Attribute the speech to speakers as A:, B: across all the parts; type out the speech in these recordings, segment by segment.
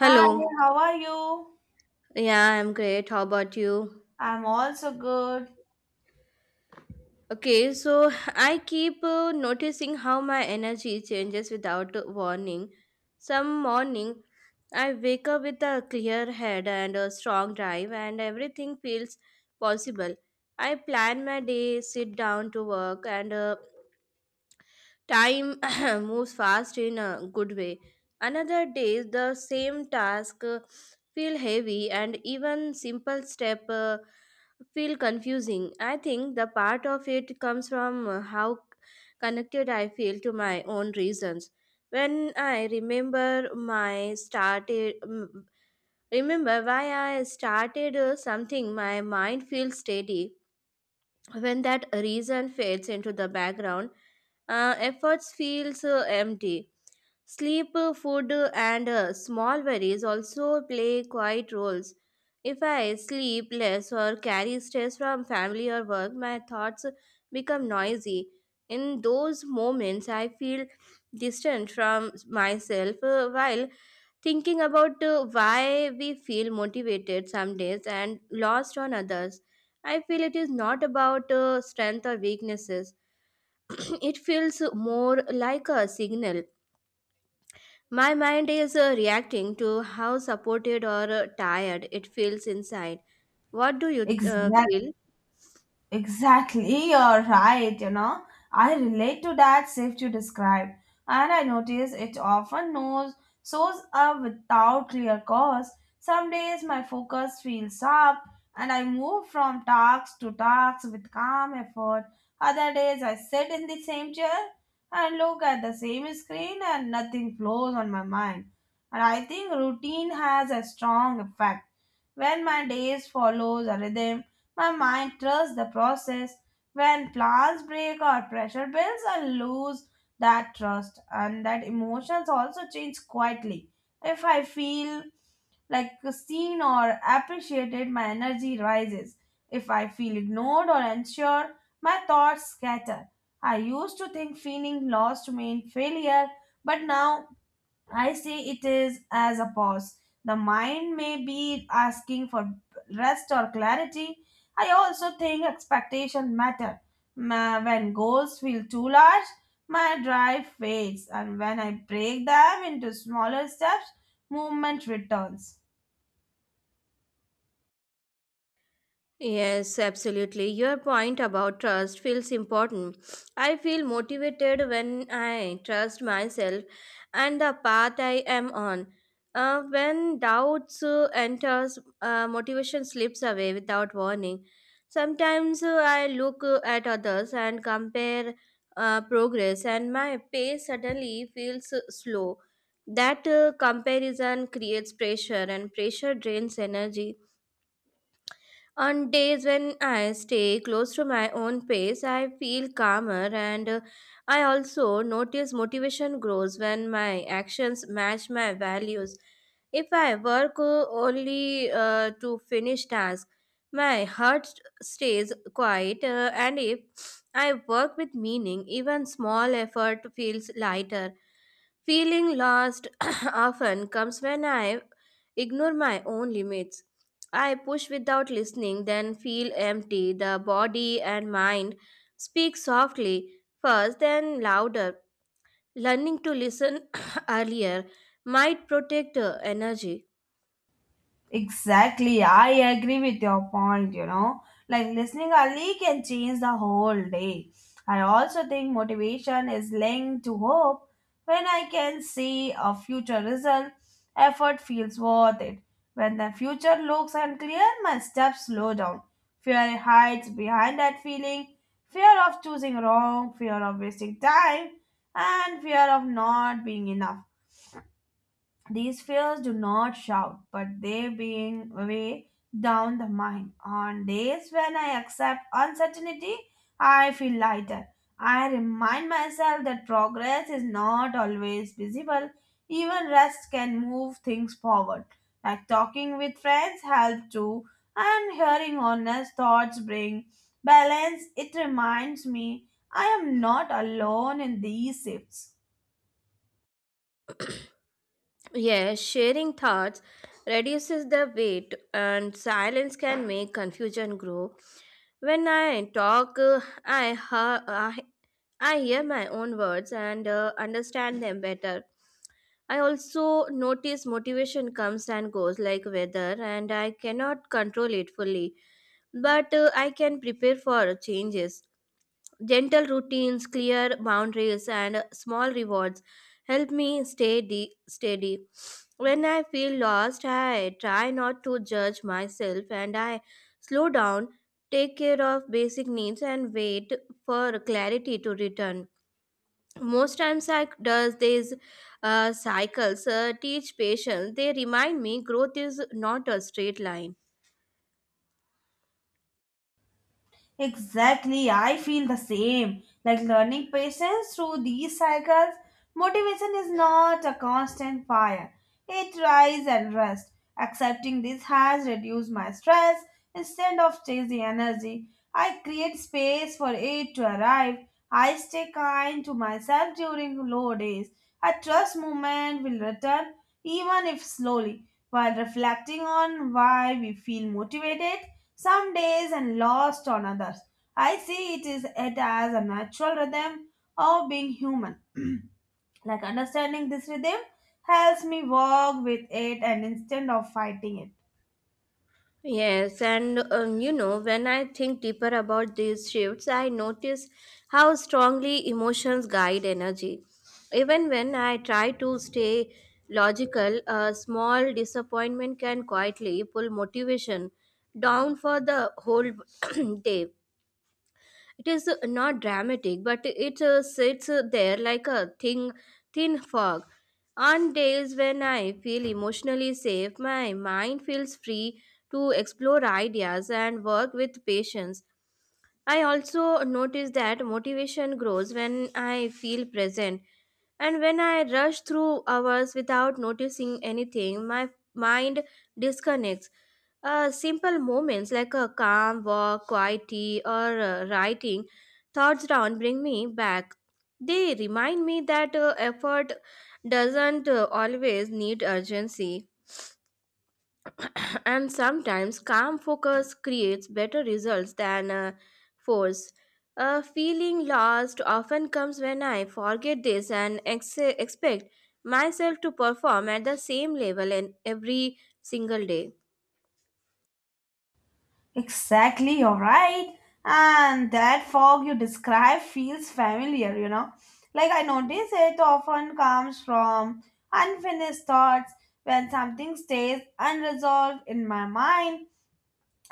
A: Hi, how are you?
B: Yeah, I'm great. How about you?
A: I'm also good.
B: Okay, so I keep noticing how my energy changes without warning. Some morning, I wake up with a clear head and a strong drive, and everything feels possible. I plan my day, sit down to work, and time moves fast in a good way. Another day, the same task feel heavy, and even simple step feel confusing. I think the part of it comes from how connected I feel to my own reasons. When I remember remember why I started something, my mind feels steady when that reason fades into the background, efforts feels empty. Sleep, food and small worries also play quiet roles. If I sleep less or carry stress from family or work, my thoughts become noisy. In those moments I feel distant from myself, while thinking about why we feel motivated some days and lost on others. I feel it is not about strength or weaknesses. It feels more like a signal. My mind is reacting to how supported or tired it feels inside. What do you
A: Exactly.
B: feel?
A: Exactly, you're right. You know, I relate to that shift you described, and I notice it often knows shows up without clear cause. Some days my focus feels sharp, and I move from task to task with calm effort. Other days I sit in the same chair and look at the same screen, and nothing flows on my mind. And I think routine has a strong effect when my days follows a rhythm my mind trusts the process. When plans break or pressure builds, I lose that trust, and that emotions also change quietly. If I feel like seen or appreciated, my energy rises. If I feel ignored or unsure, my thoughts scatter. I used to think feeling lost meant failure, but now I see it is as a pause. The mind may be asking for rest or clarity. I also think expectation matter. When goals feel too large, my drive fades, and when I break them into smaller steps, movement returns.
B: Yes, absolutely. Your point about trust feels important. I feel motivated when I trust myself and the path I am on. When doubts enters, motivation slips away without warning. Sometimes I look at others and compare progress, and my pace suddenly feels slow. That comparison creates pressure, and pressure drains energy on days when I stay close to my own pace. I feel calmer and, I also notice motivation grows when my actions match my values. If I work only to finish tasks, my heart stays quiet, and if I work with meaning, even small effort feels lighter. Feeling lost often comes when I ignore my own limits. I push without listening, then feel empty. The body and mind speak softly, first, then louder. Learning to listen earlier might protect energy.
A: Exactly, I agree with your point, you know. Like listening early can change the whole day. I also think motivation is linked to hope. When I can see a future result, effort feels worth it. When the future looks unclear, my steps slow down. Fear hides behind that feeling fear of choosing wrong, fear of wasting time, and fear of not being enough. These fears do not shout, but they being way down the mind. On days when I accept uncertainty, I feel lighter. I remind myself that progress is not always visible. Even rest can move things forward. Like talking with friends help too, and hearing honest thoughts bring balance. It reminds me I am not alone in these shifts.
B: Yes, sharing thoughts reduces the weight, and silence can make confusion grow. When I talk, hear I hear my own words and understand them better. I also notice motivation comes and goes like weather, and I cannot control it fully. But I can prepare for changes. Gentle routines, clear boundaries, and small rewards help me stay steady. When I feel lost, I try not to judge myself and I slow down, take care of basic needs, and wait for clarity to return. Most times I does these cycles teach patience. They remind me growth is not a straight line.
A: Exactly, I feel the same. Like learning patience through these cycles, motivation is not a constant fire. It rises and rests. Accepting this has reduced my stress. Instead of chasing energy, I create space for it to arrive. I stay kind to myself during low days. I trust movement will return, even if slowly. While reflecting on why we feel motivated, some days and lost on others. I see it is it as a natural rhythm of being human. Like understanding this rhythm helps me walk with it and instead of fighting it.
B: Yes, and you know, when I think deeper about these shifts, I notice how strongly emotions guide energy even when I try to stay logical. A small disappointment can quietly pull motivation down for the whole day. It is not dramatic, but it sits there like a thin fog. On days when I feel emotionally safe, my mind feels free to explore ideas and work with patience. I also notice that motivation grows when I feel present. And when I rush through hours without noticing anything, my mind disconnects. Simple moments like a calm walk, quiet tea, or writing thoughts down bring me back. They remind me that effort doesn't always need urgency. And sometimes calm focus creates better results than force. A feeling lost often comes when I forget this and expect myself to perform at the same level in every single day.
A: Exactly, you're right. And that fog you describe feels familiar, you know. Like I notice it often comes from unfinished thoughts when something stays unresolved in my mind.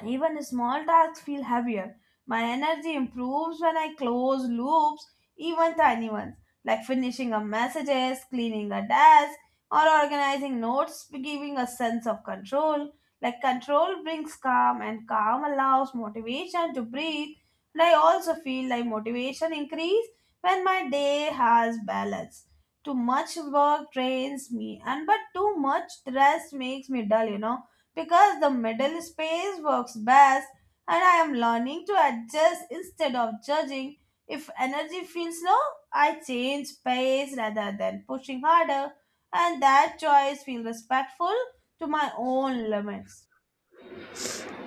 A: Even small tasks feel heavier. My energy improves when I close loops, even tiny ones, like finishing a messages, cleaning a desk, or organizing notes, giving a sense of control. Like control brings calm, and calm allows motivation to breathe. And I also feel like motivation increase when my day has balance. Too much work drains me, and but too much rest makes me dull. You know because the middle space works best and I am learning to adjust instead of judging. If energy feels low, I change pace rather than pushing harder, and that choice feels respectful to my own limits.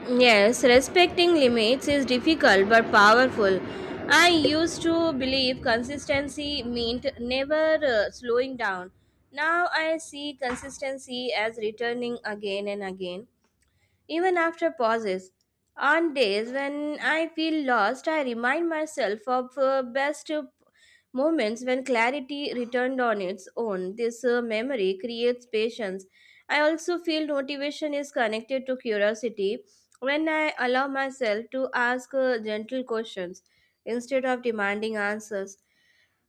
B: Yes, respecting limits is difficult but powerful. I used to believe consistency meant never slowing down. Now I see consistency as returning again and again. Even after pauses, on days when I feel lost, I remind myself of best moments when clarity returned on its own. This memory creates patience. I also feel motivation is connected to curiosity when I allow myself to ask gentle questions instead of demanding answers.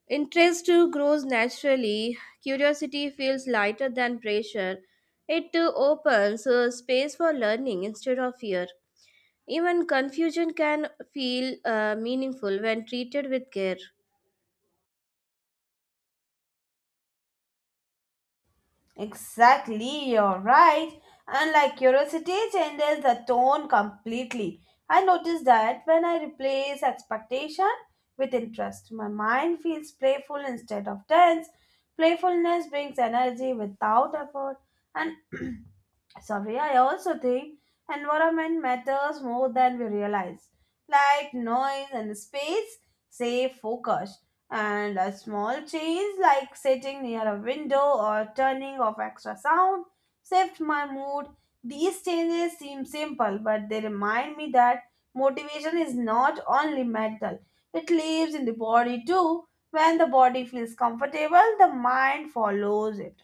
B: Interest too grows naturally. Curiosity feels lighter than pressure. It too opens space for learning instead of fear. Even confusion can feel meaningful when treated with care.
A: Exactly, you're right. And like curiosity changes the tone completely. I notice that when I replace expectation with interest, my mind feels playful instead of tense. Playfulness brings energy without effort, and sorry, I also think environment matters more than we realize. Light, noise and space, save focus. And a small change like sitting near a window or turning off extra sound shift my mood. These changes seem simple, but they remind me that motivation is not only mental. It lives in the body too. When the body feels comfortable, the mind follows it.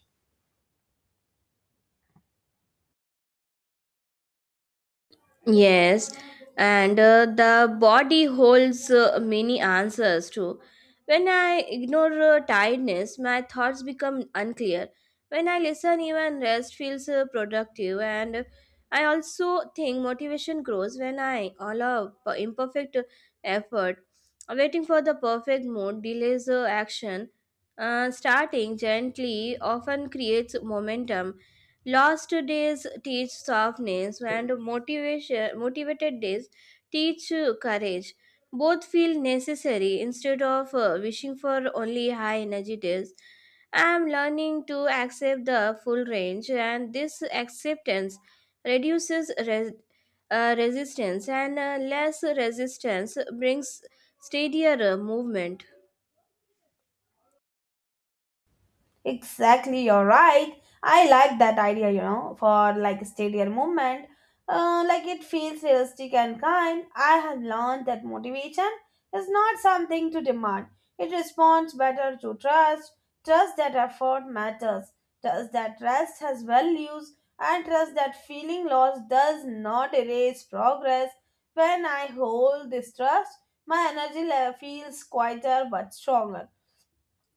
B: Yes, and the body holds many answers too. When I ignore tiredness, my thoughts become unclear. When I listen, even rest feels productive. And I also think motivation grows when I allow imperfect effort. Waiting for the perfect mood delays action. Starting gently often creates momentum. Lost days teach softness, and motivated days teach courage. Both feel necessary instead of wishing for only high energy days. I am learning to accept the full range, and this acceptance reduces resistance, and less resistance brings steadier movement.
A: Exactly, you're right. I like that idea, you know, for like a stadium movement. Like it feels realistic and kind. I have learned that motivation is not something to demand. It responds better to trust. Trust that effort matters. Trust that rest has values. And trust that feeling lost does not erase progress. When I hold this trust, my energy level feels quieter but stronger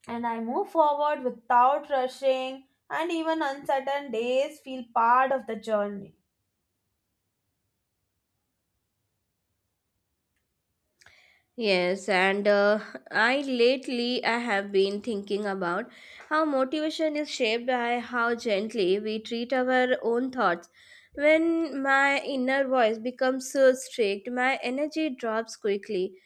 A: and I move forward without rushing, and even uncertain days feel part of the journey.
B: Yes, and I lately I have been thinking about how motivation is shaped by how gently we treat our own thoughts. When my inner voice becomes so strict, my energy drops quickly,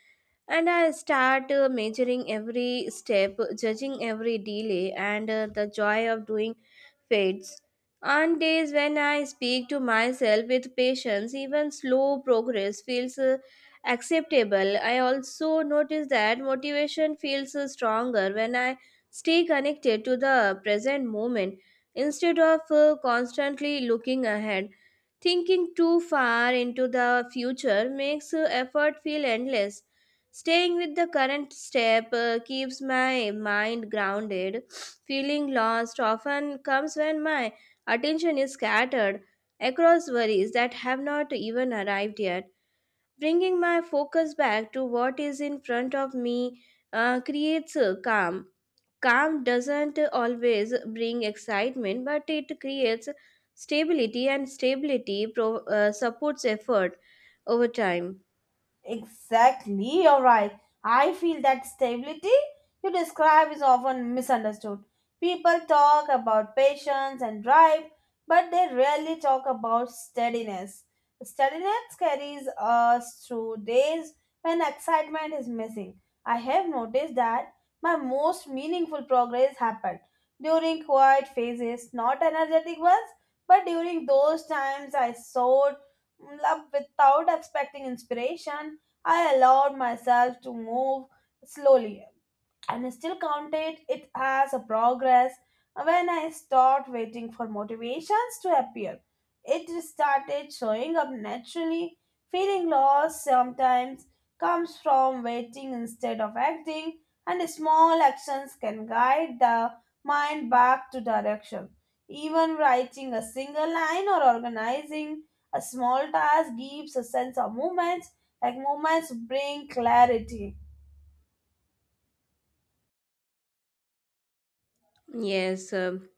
B: and I start measuring every step, judging every delay, and the joy of doing fades, and days when I speak to myself with patience, even slow progress feels acceptable. I also notice that motivation feels stronger when I stay connected to the present moment instead of constantly looking ahead. Thinking too far into the future makes effort feel endless. Staying with the current step keeps my mind grounded. Feeling lost often comes when my attention is scattered across worries that have not even arrived yet. Bringing my focus back to what is in front of me creates a calm. Calm doesn't always bring excitement, but it creates stability, and stability supports effort over time.
A: Exactly, you're right. I feel that stability you describe is often misunderstood. People talk about patience and drive, but they rarely talk about steadiness. Steadiness carries us through days when excitement is missing. I have noticed that my most meaningful progress happened during quiet phases, not energetic ones, but during those times I soared up without expecting inspiration. I allowed myself to move slowly and still counted it as a progress when I stopped waiting for motivations to appear. It started showing up naturally. Feeling lost sometimes comes from waiting instead of acting, and small actions can guide the mind back to direction. Even writing a single line or organizing a small task gives a sense of movements. Like movements bring clarity.
B: Yes.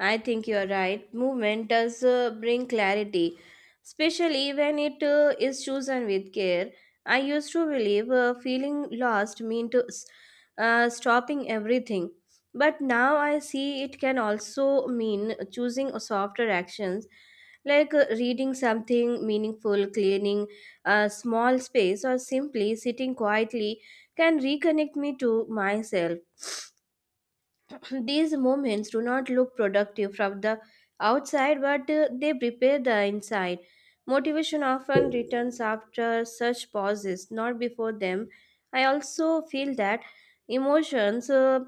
B: I think you're right. Movement does bring clarity, especially when it is chosen with care. I used to believe feeling lost meant to stopping everything, but now I see it can also mean choosing softer actions like reading something meaningful, cleaning a small space, or simply sitting quietly can reconnect me to myself. These moments do not look productive from the outside, but they prepare the inside. Motivation often returns after such pauses, not before them. I also feel that emotions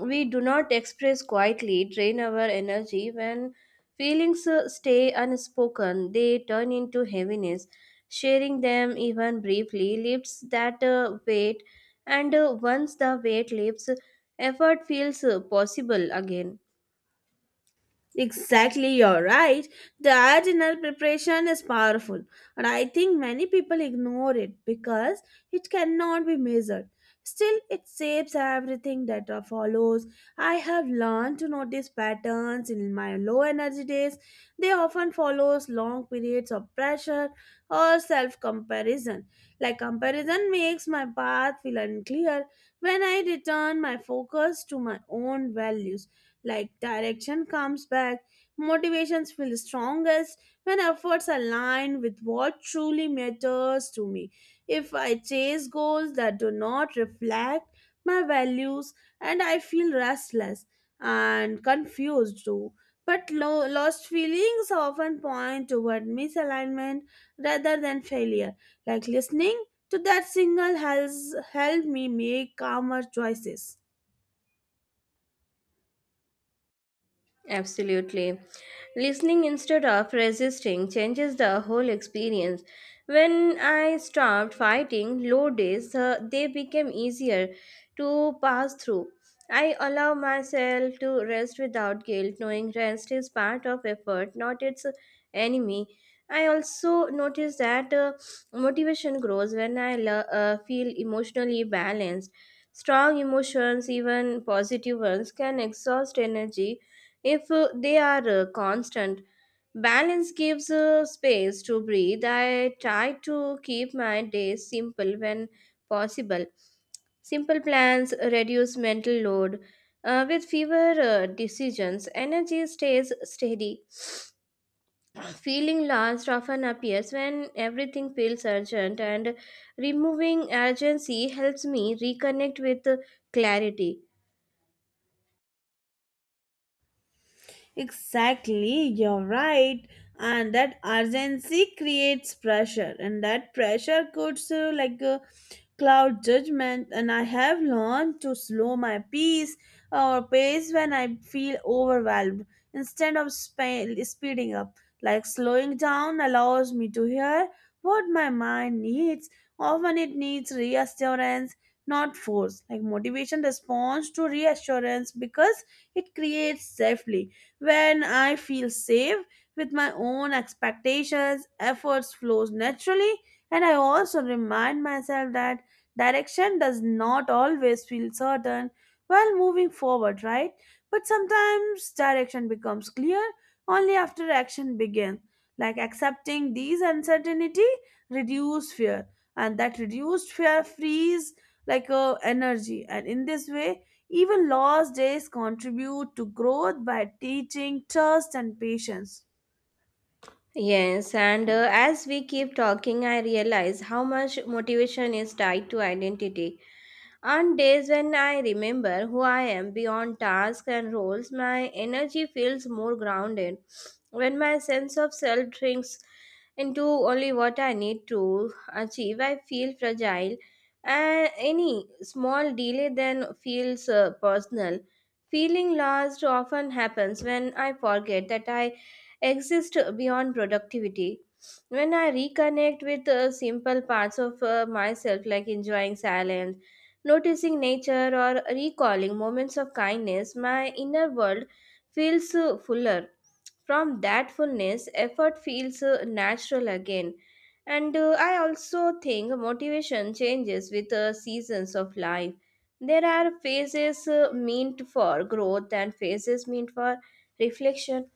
B: we do not express quietly drain our energy. When feelings stay unspoken, they turn into heaviness. Sharing them even briefly lifts that weight, and once the weight lifts, effort feels possible again.
A: Exactly, you're right. That inner preparation is powerful, and I think many people ignore it because it cannot be measured. Still, it shapes everything that follows. I have learned to notice patterns in my low energy days. They often follows long periods of pressure or self comparison. Like comparison makes my path feel unclear. When I return my focus to my own values like direction comes back motivations feel strongest when efforts align with what truly matters to me if I chase goals that do not reflect my values and I feel restless and confused too but lost feelings often point toward misalignment rather than failure like listening to that signal has helped me make calmer choices.
B: Absolutely. Listening instead of resisting changes the whole experience. When I stopped fighting low days, they became easier to pass through. I allow myself to rest without guilt, knowing rest is part of effort, not its enemy. I also notice that motivation grows when I feel emotionally balanced. Strong emotions, even positive ones, can exhaust energy if they are constant. Balance gives space to breathe. I try to keep my days simple when possible. Simple plans reduce mental load. With fewer decisions, energy stays steady. Feeling lost often appears when everything feels urgent, and removing urgency helps me reconnect with clarity.
A: Exactly, you're right. And that urgency creates pressure, and that pressure could so like cloud judgment. And I have learned to slow my pace or pace when I feel overwhelmed instead of speeding up. Like slowing down allows me to hear what my mind needs. Often it needs reassurance, not force. Like motivation responds to reassurance because it creates safely when I feel safe with my own expectations, efforts flows naturally, and I also remind myself that direction does not always feel certain while moving forward, right? But sometimes direction becomes clear only after action begins. Like accepting these uncertainty reduce fear, and that reduced fear frees like energy, and in this way even lost days contribute to growth by teaching trust and patience.
B: Yes, and as we keep talking, I realize how much motivation is tied to identity. On days when I remember who I am beyond tasks and roles, my energy feels more grounded. When my sense of self shrinks into only what I need to achieve, I feel fragile. And any small delay then feels personal. Feeling lost often happens when I forget that I exist beyond productivity. When I reconnect with simple parts of myself, like enjoying silence, noticing nature, or recalling moments of kindness, my inner world feels fuller. From that fullness, effort feels natural again. And I also think motivation changes with the seasons of life. There are phases meant for growth and phases meant for reflection.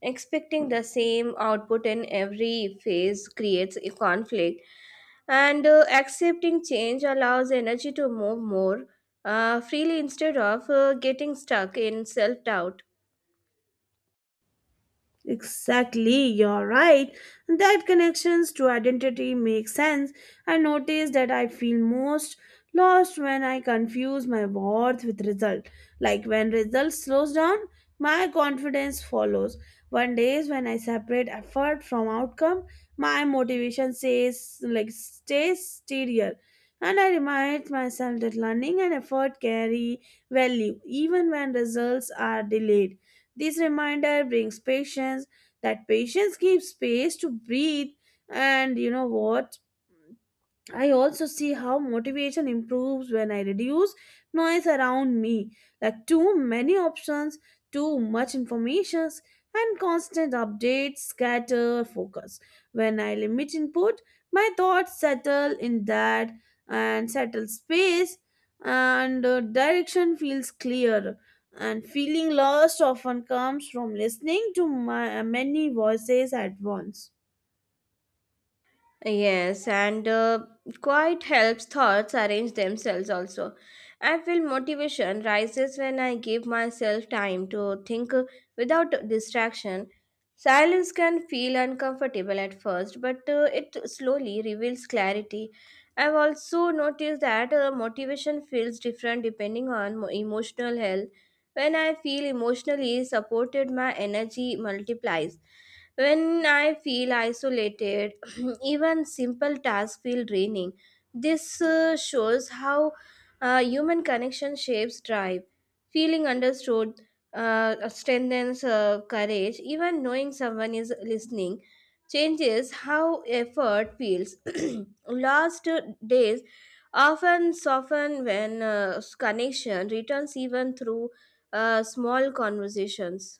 B: Expecting the same output in every phase creates a conflict, and accepting change allows energy to move more freely instead of getting stuck in self doubt.
A: Exactly, you're right. That connections to identity make sense. I notice that I feel most lost when I confuse my worth with result. Like when result slows down, my confidence follows. One days when I separate effort from outcome, my motivation says like stays steadier. And I remind myself that learning and effort carry value even when results are delayed. This reminder brings patience, that patience gives space to breathe, and you know what? I also see how motivation improves when I reduce noise around me, like too many options, too much information, and constant updates scatter focus. When I limit input, my thoughts settle in that and settle space, and direction feels clear. And feeling lost often comes from listening to my, many voices at once.
B: Yes, and quiet helps thoughts arrange themselves also. I feel motivation rises when I give myself time to think without distraction. Silence can feel uncomfortable at first, but it slowly reveals clarity. I've also noticed that motivation feels different depending on emotional health. When I feel emotionally supported, my energy multiplies. When I feel isolated, even simple tasks feel draining. This shows how human connection shapes drive. Feeling understood strengthens courage. Even knowing someone is listening changes how effort feels. Lost days often soften when connection returns, even through small conversations.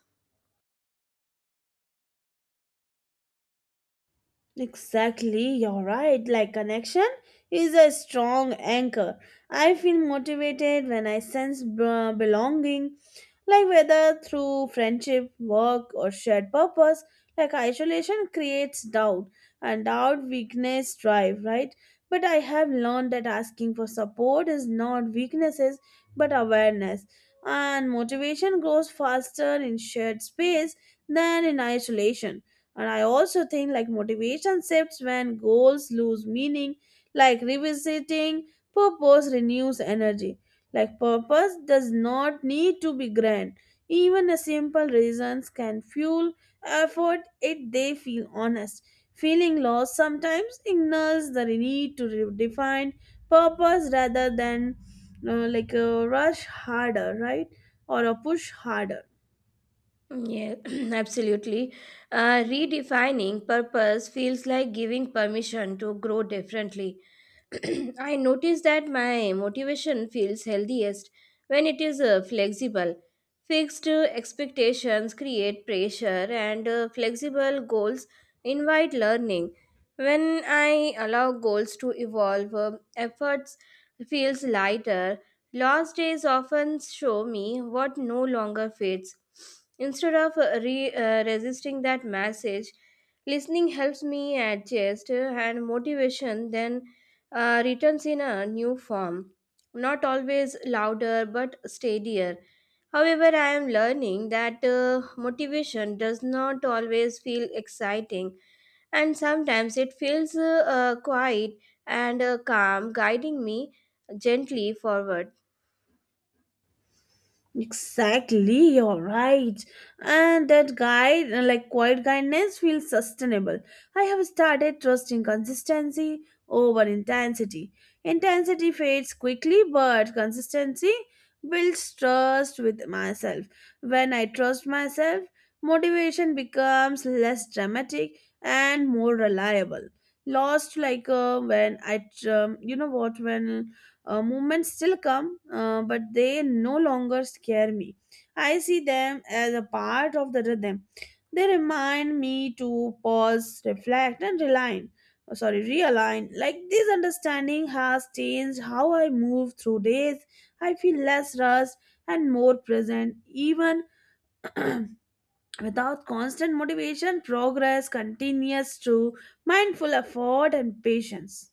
A: Exactly, you're right. Like connection is a strong anchor. I feel motivated when I sense belonging, like whether through friendship, work, or shared purpose. Like isolation creates doubt, and doubt weakness drive, right? But I have learned that asking for support is not weaknesses but awareness, and motivation grows faster in shared space than in isolation. And I also think like motivation shifts when goals lose meaning, like revisiting purpose renews energy. Like purpose does not need to be grand. Even a simple reasons can fuel effort if they feel honest. Feeling lost sometimes ignores the need to redefine purpose rather than like a rush harder, right? Or a push harder.
B: Yeah, absolutely. Redefining purpose feels like giving permission to grow differently. I notice that my motivation feels healthiest when it is flexible. Fixed expectations create pressure, and flexible goals invite learning. When I allow goals to evolve, efforts feels lighter. Lost days often show me what no longer fades. Instead of resisting that message, listening helps me adjust, and motivation then returns in a new form. Not always louder but steadier. However, I am learning that motivation does not always feel exciting, and sometimes it feels quiet and calm, guiding me gently forward.
A: Exactly, you're right. And that guide, like quiet guidance, feels sustainable. I have started trusting consistency over intensity. Intensity fades quickly, but consistency builds trust with myself. When I trust myself, motivation becomes less dramatic and more reliable. Lost like when I, you know what, when movements still come, but they no longer scare me. I see them as a part of the rhythm. They remind me to pause, reflect, and realign. Oh, sorry, realign. Like this understanding has changed how I move through days. I feel less rushed and more present. Even without constant motivation, progress continues through mindful effort and patience.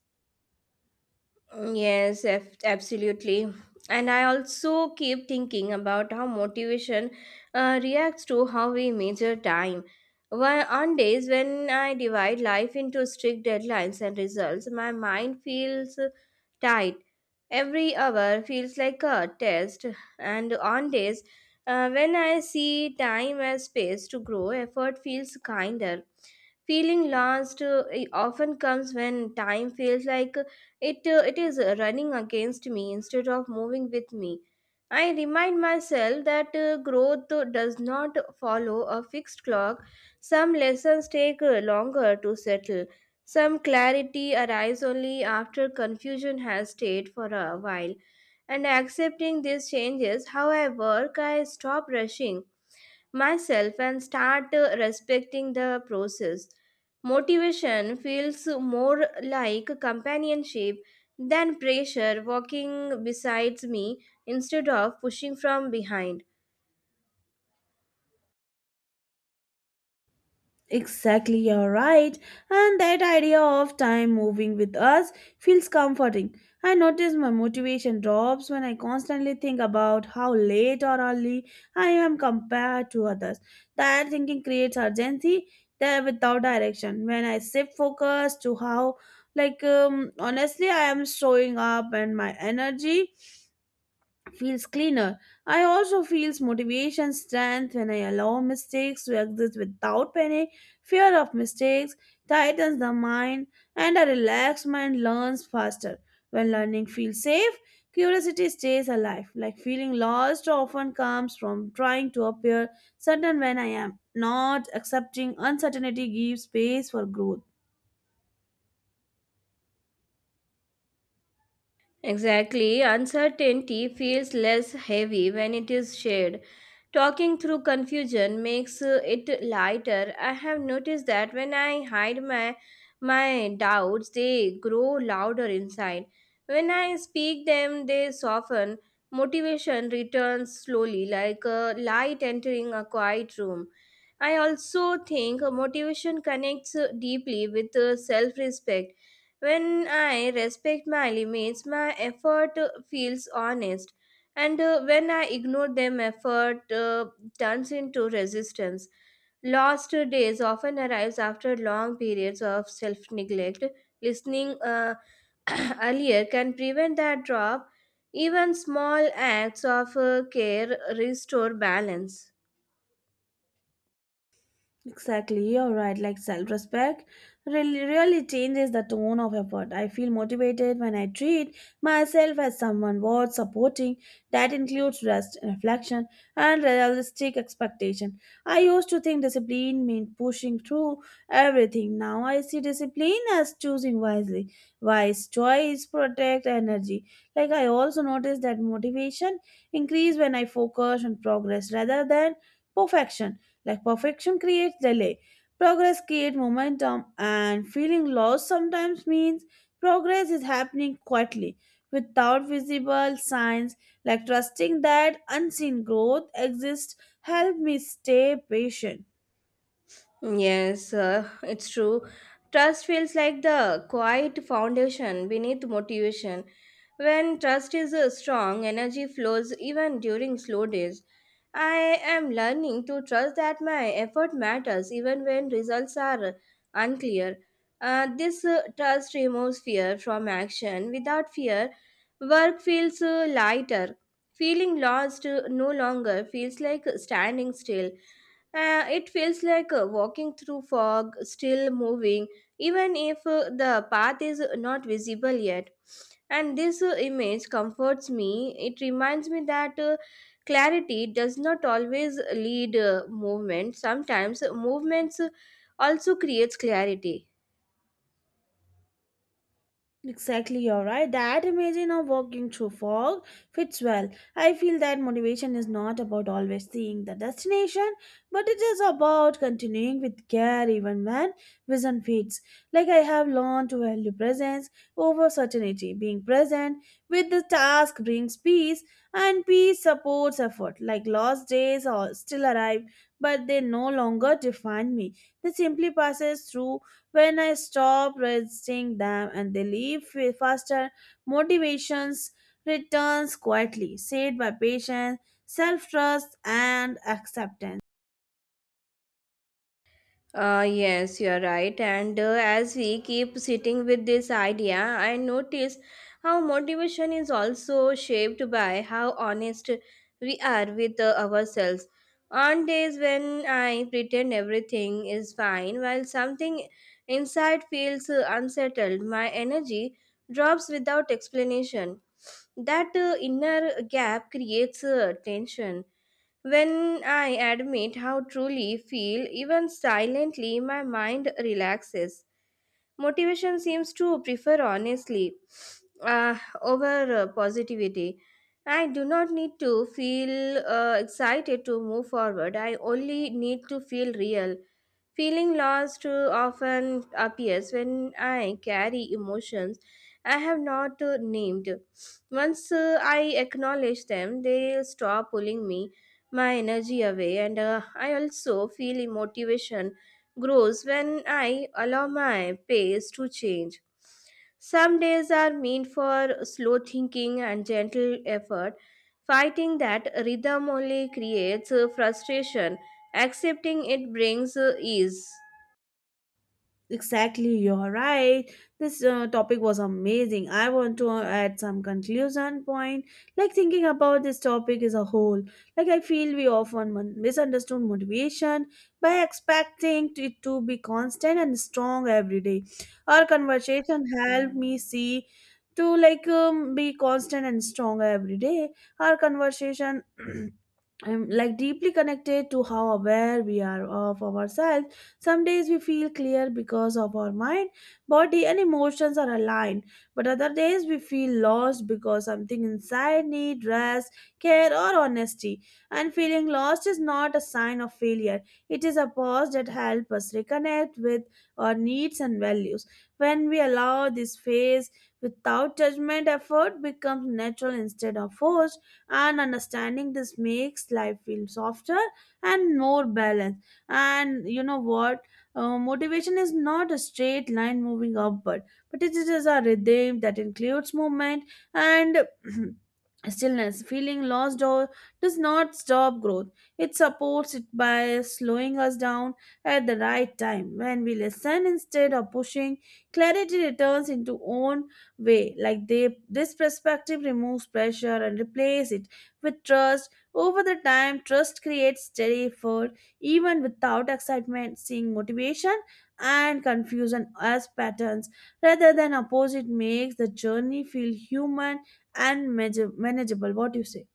B: Mm, yes, absolutely. And I also keep thinking about how motivation reacts to how we measure time. On days when I divide life into strict deadlines and results, my mind feels tight. Every hour feels like a test. And on days when I see time as space to grow, effort feels kinder. Feeling lost, it often comes when time feels like it is running against me instead of moving with me. I remind myself that growth does not follow a fixed clock. Some lessons take longer to settle. Some clarity arrives only after confusion has stayed for a while. And accepting these changes, how I work, I stop rushing myself and start respecting the process. Motivation feels more like companionship than pressure, walking besides me instead of pushing from behind.
A: Exactly, you're right. And that idea of time moving with us feels comforting. I notice my motivation drops when I constantly think about how late or early I am compared to others. That thinking creates urgency there without direction. When I shift focus to how, like, honestly, I am showing up and my energy feels cleaner. I also feels motivation strength when I allow mistakes to exist without panic. Fear of mistakes tightens the mind and a relaxed mind learns faster. When learning feels safe, curiosity stays alive. Like feeling lost often comes from trying to appear certain when I am not accepting uncertainty gives space for growth.
B: Exactly. Uncertainty feels less heavy when it is shared. Talking through confusion makes it lighter. I have noticed that when I hide my doubts, they grow louder inside. When I speak them, they soften. Motivation returns slowly, like a light entering a quiet room. I also think motivation connects deeply with self respect. When I respect my limits, my effort feels honest. And when I ignore them, effort turns into resistance. Lost days often arrives after long periods of self-neglect. Listening earlier can prevent that drop. Even small acts of care restore balance.
A: Exactly, you're right. Like self respect really, really changes the tone of effort. I feel motivated when I treat myself as someone worth supporting. That includes rest, reflection, and realistic expectation. I used to think discipline meant pushing through everything. Now I see discipline as choosing wisely. Wise choice protect energy. Like I also noticed that motivation increase when I focus on progress rather than perfection. Like perfection creates delay, progress creates momentum, and feeling lost sometimes means progress is happening quietly without visible signs. Like trusting that unseen growth exists help me stay patient.
B: Yes, it's true. Trust feels like the quiet foundation beneath motivation. When trust is strong, energy flows even during slow days. I am learning to trust that my effort matters even when results are unclear. This trust removes fear from action. Without fear, work feels lighter. Feeling lost no longer feels like standing still. It feels like walking through fog, still moving, even if the path is not visible yet. And this image comforts me. It reminds me that clarity does not always lead movement. Sometimes movements also creates clarity.
A: Exactly, you're right. That imagine of walking through fog fits well. I feel that motivation is not about always seeing the destination, but it is about continuing with care even when vision fades. Like I have learned to value presence over certainty. Being present with the task brings peace, and peace supports effort. Like lost days or still arrive, but they no longer define me. They simply passes through when I stop resisting them and they leave faster, motivations returns quietly, said by patience, self-trust and acceptance.
B: Yes, you're right. And as we keep sitting with this idea, I notice how motivation is also shaped by how honest we are with ourselves. On days when I pretend everything is fine, while something inside feels unsettled, my energy drops without explanation. That inner gap creates tension. When I admit how truly feel, even silently, my mind relaxes. Motivation seems to prefer honestly over positivity. I do not need to feel excited to move forward. I only need to feel real. Feeling lost too often appears when I carry emotions I have not named. Once I acknowledge them, they stop pulling me my energy away, and I also feel motivation grows when I allow my pace to change. Some days are meant for slow thinking and gentle effort. Fighting that rhythm only creates frustration. Accepting it brings ease.
A: Exactly, you're right. This topic was amazing. I want to add some conclusion point. Like thinking about this topic as a whole, like I feel we often misunderstood motivation by expecting it to be constant and strong every day. Our conversation helped me see to like be constant and strong every day. Our conversation. I like deeply connected to how aware we are of ourselves some days we feel clear because of our mind, body, and emotions are aligned, but other days we feel lost because something inside needs rest, care, or honesty. And feeling lost is not a sign of failure, it is a pause that helps us reconnect with our needs and values. When we allow this phase without judgment, effort becomes natural instead of forced, and understanding this makes life feel softer and more balanced and you know what motivation is not a straight line moving upward but it is a rhythm that includes movement and stillness feeling lost or does not stop growth it supports it by slowing us down at the right time when we listen instead of pushing clarity returns into own way like they this perspective removes pressure and replaces it with trust over the time trust creates steady effort even without excitement, seeing motivation and confusion as patterns rather than opposite makes the journey feel human and manageable. What do you say?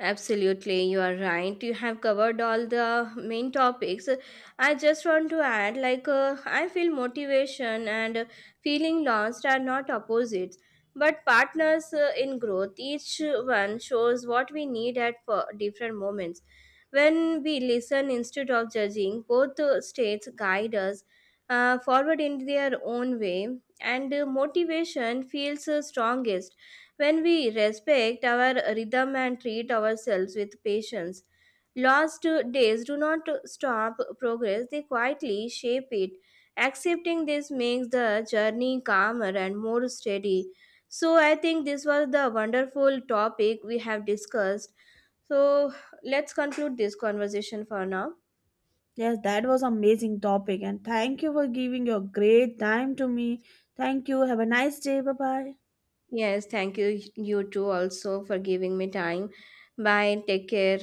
B: Absolutely, you are right. You have covered all the main topics. I just want to add, like, I feel motivation and, feeling lost are not opposites, but partners in growth. Each one shows what we need at for different moments. When we listen instead of judging, both states guide us forward in their own way, and motivation feels strongest. When we respect our rhythm and treat ourselves with patience, lost days do not stop progress, they quietly shape it. Accepting this makes the journey calmer and more steady. So, I think this was the wonderful topic we have discussed. So, let's conclude this conversation for now.
A: Yes, that was amazing topic and thank you for giving your great time to me. Thank you. Have a nice day. Bye bye.
B: Yes, thank you, you too, also for giving me time. Bye, take care.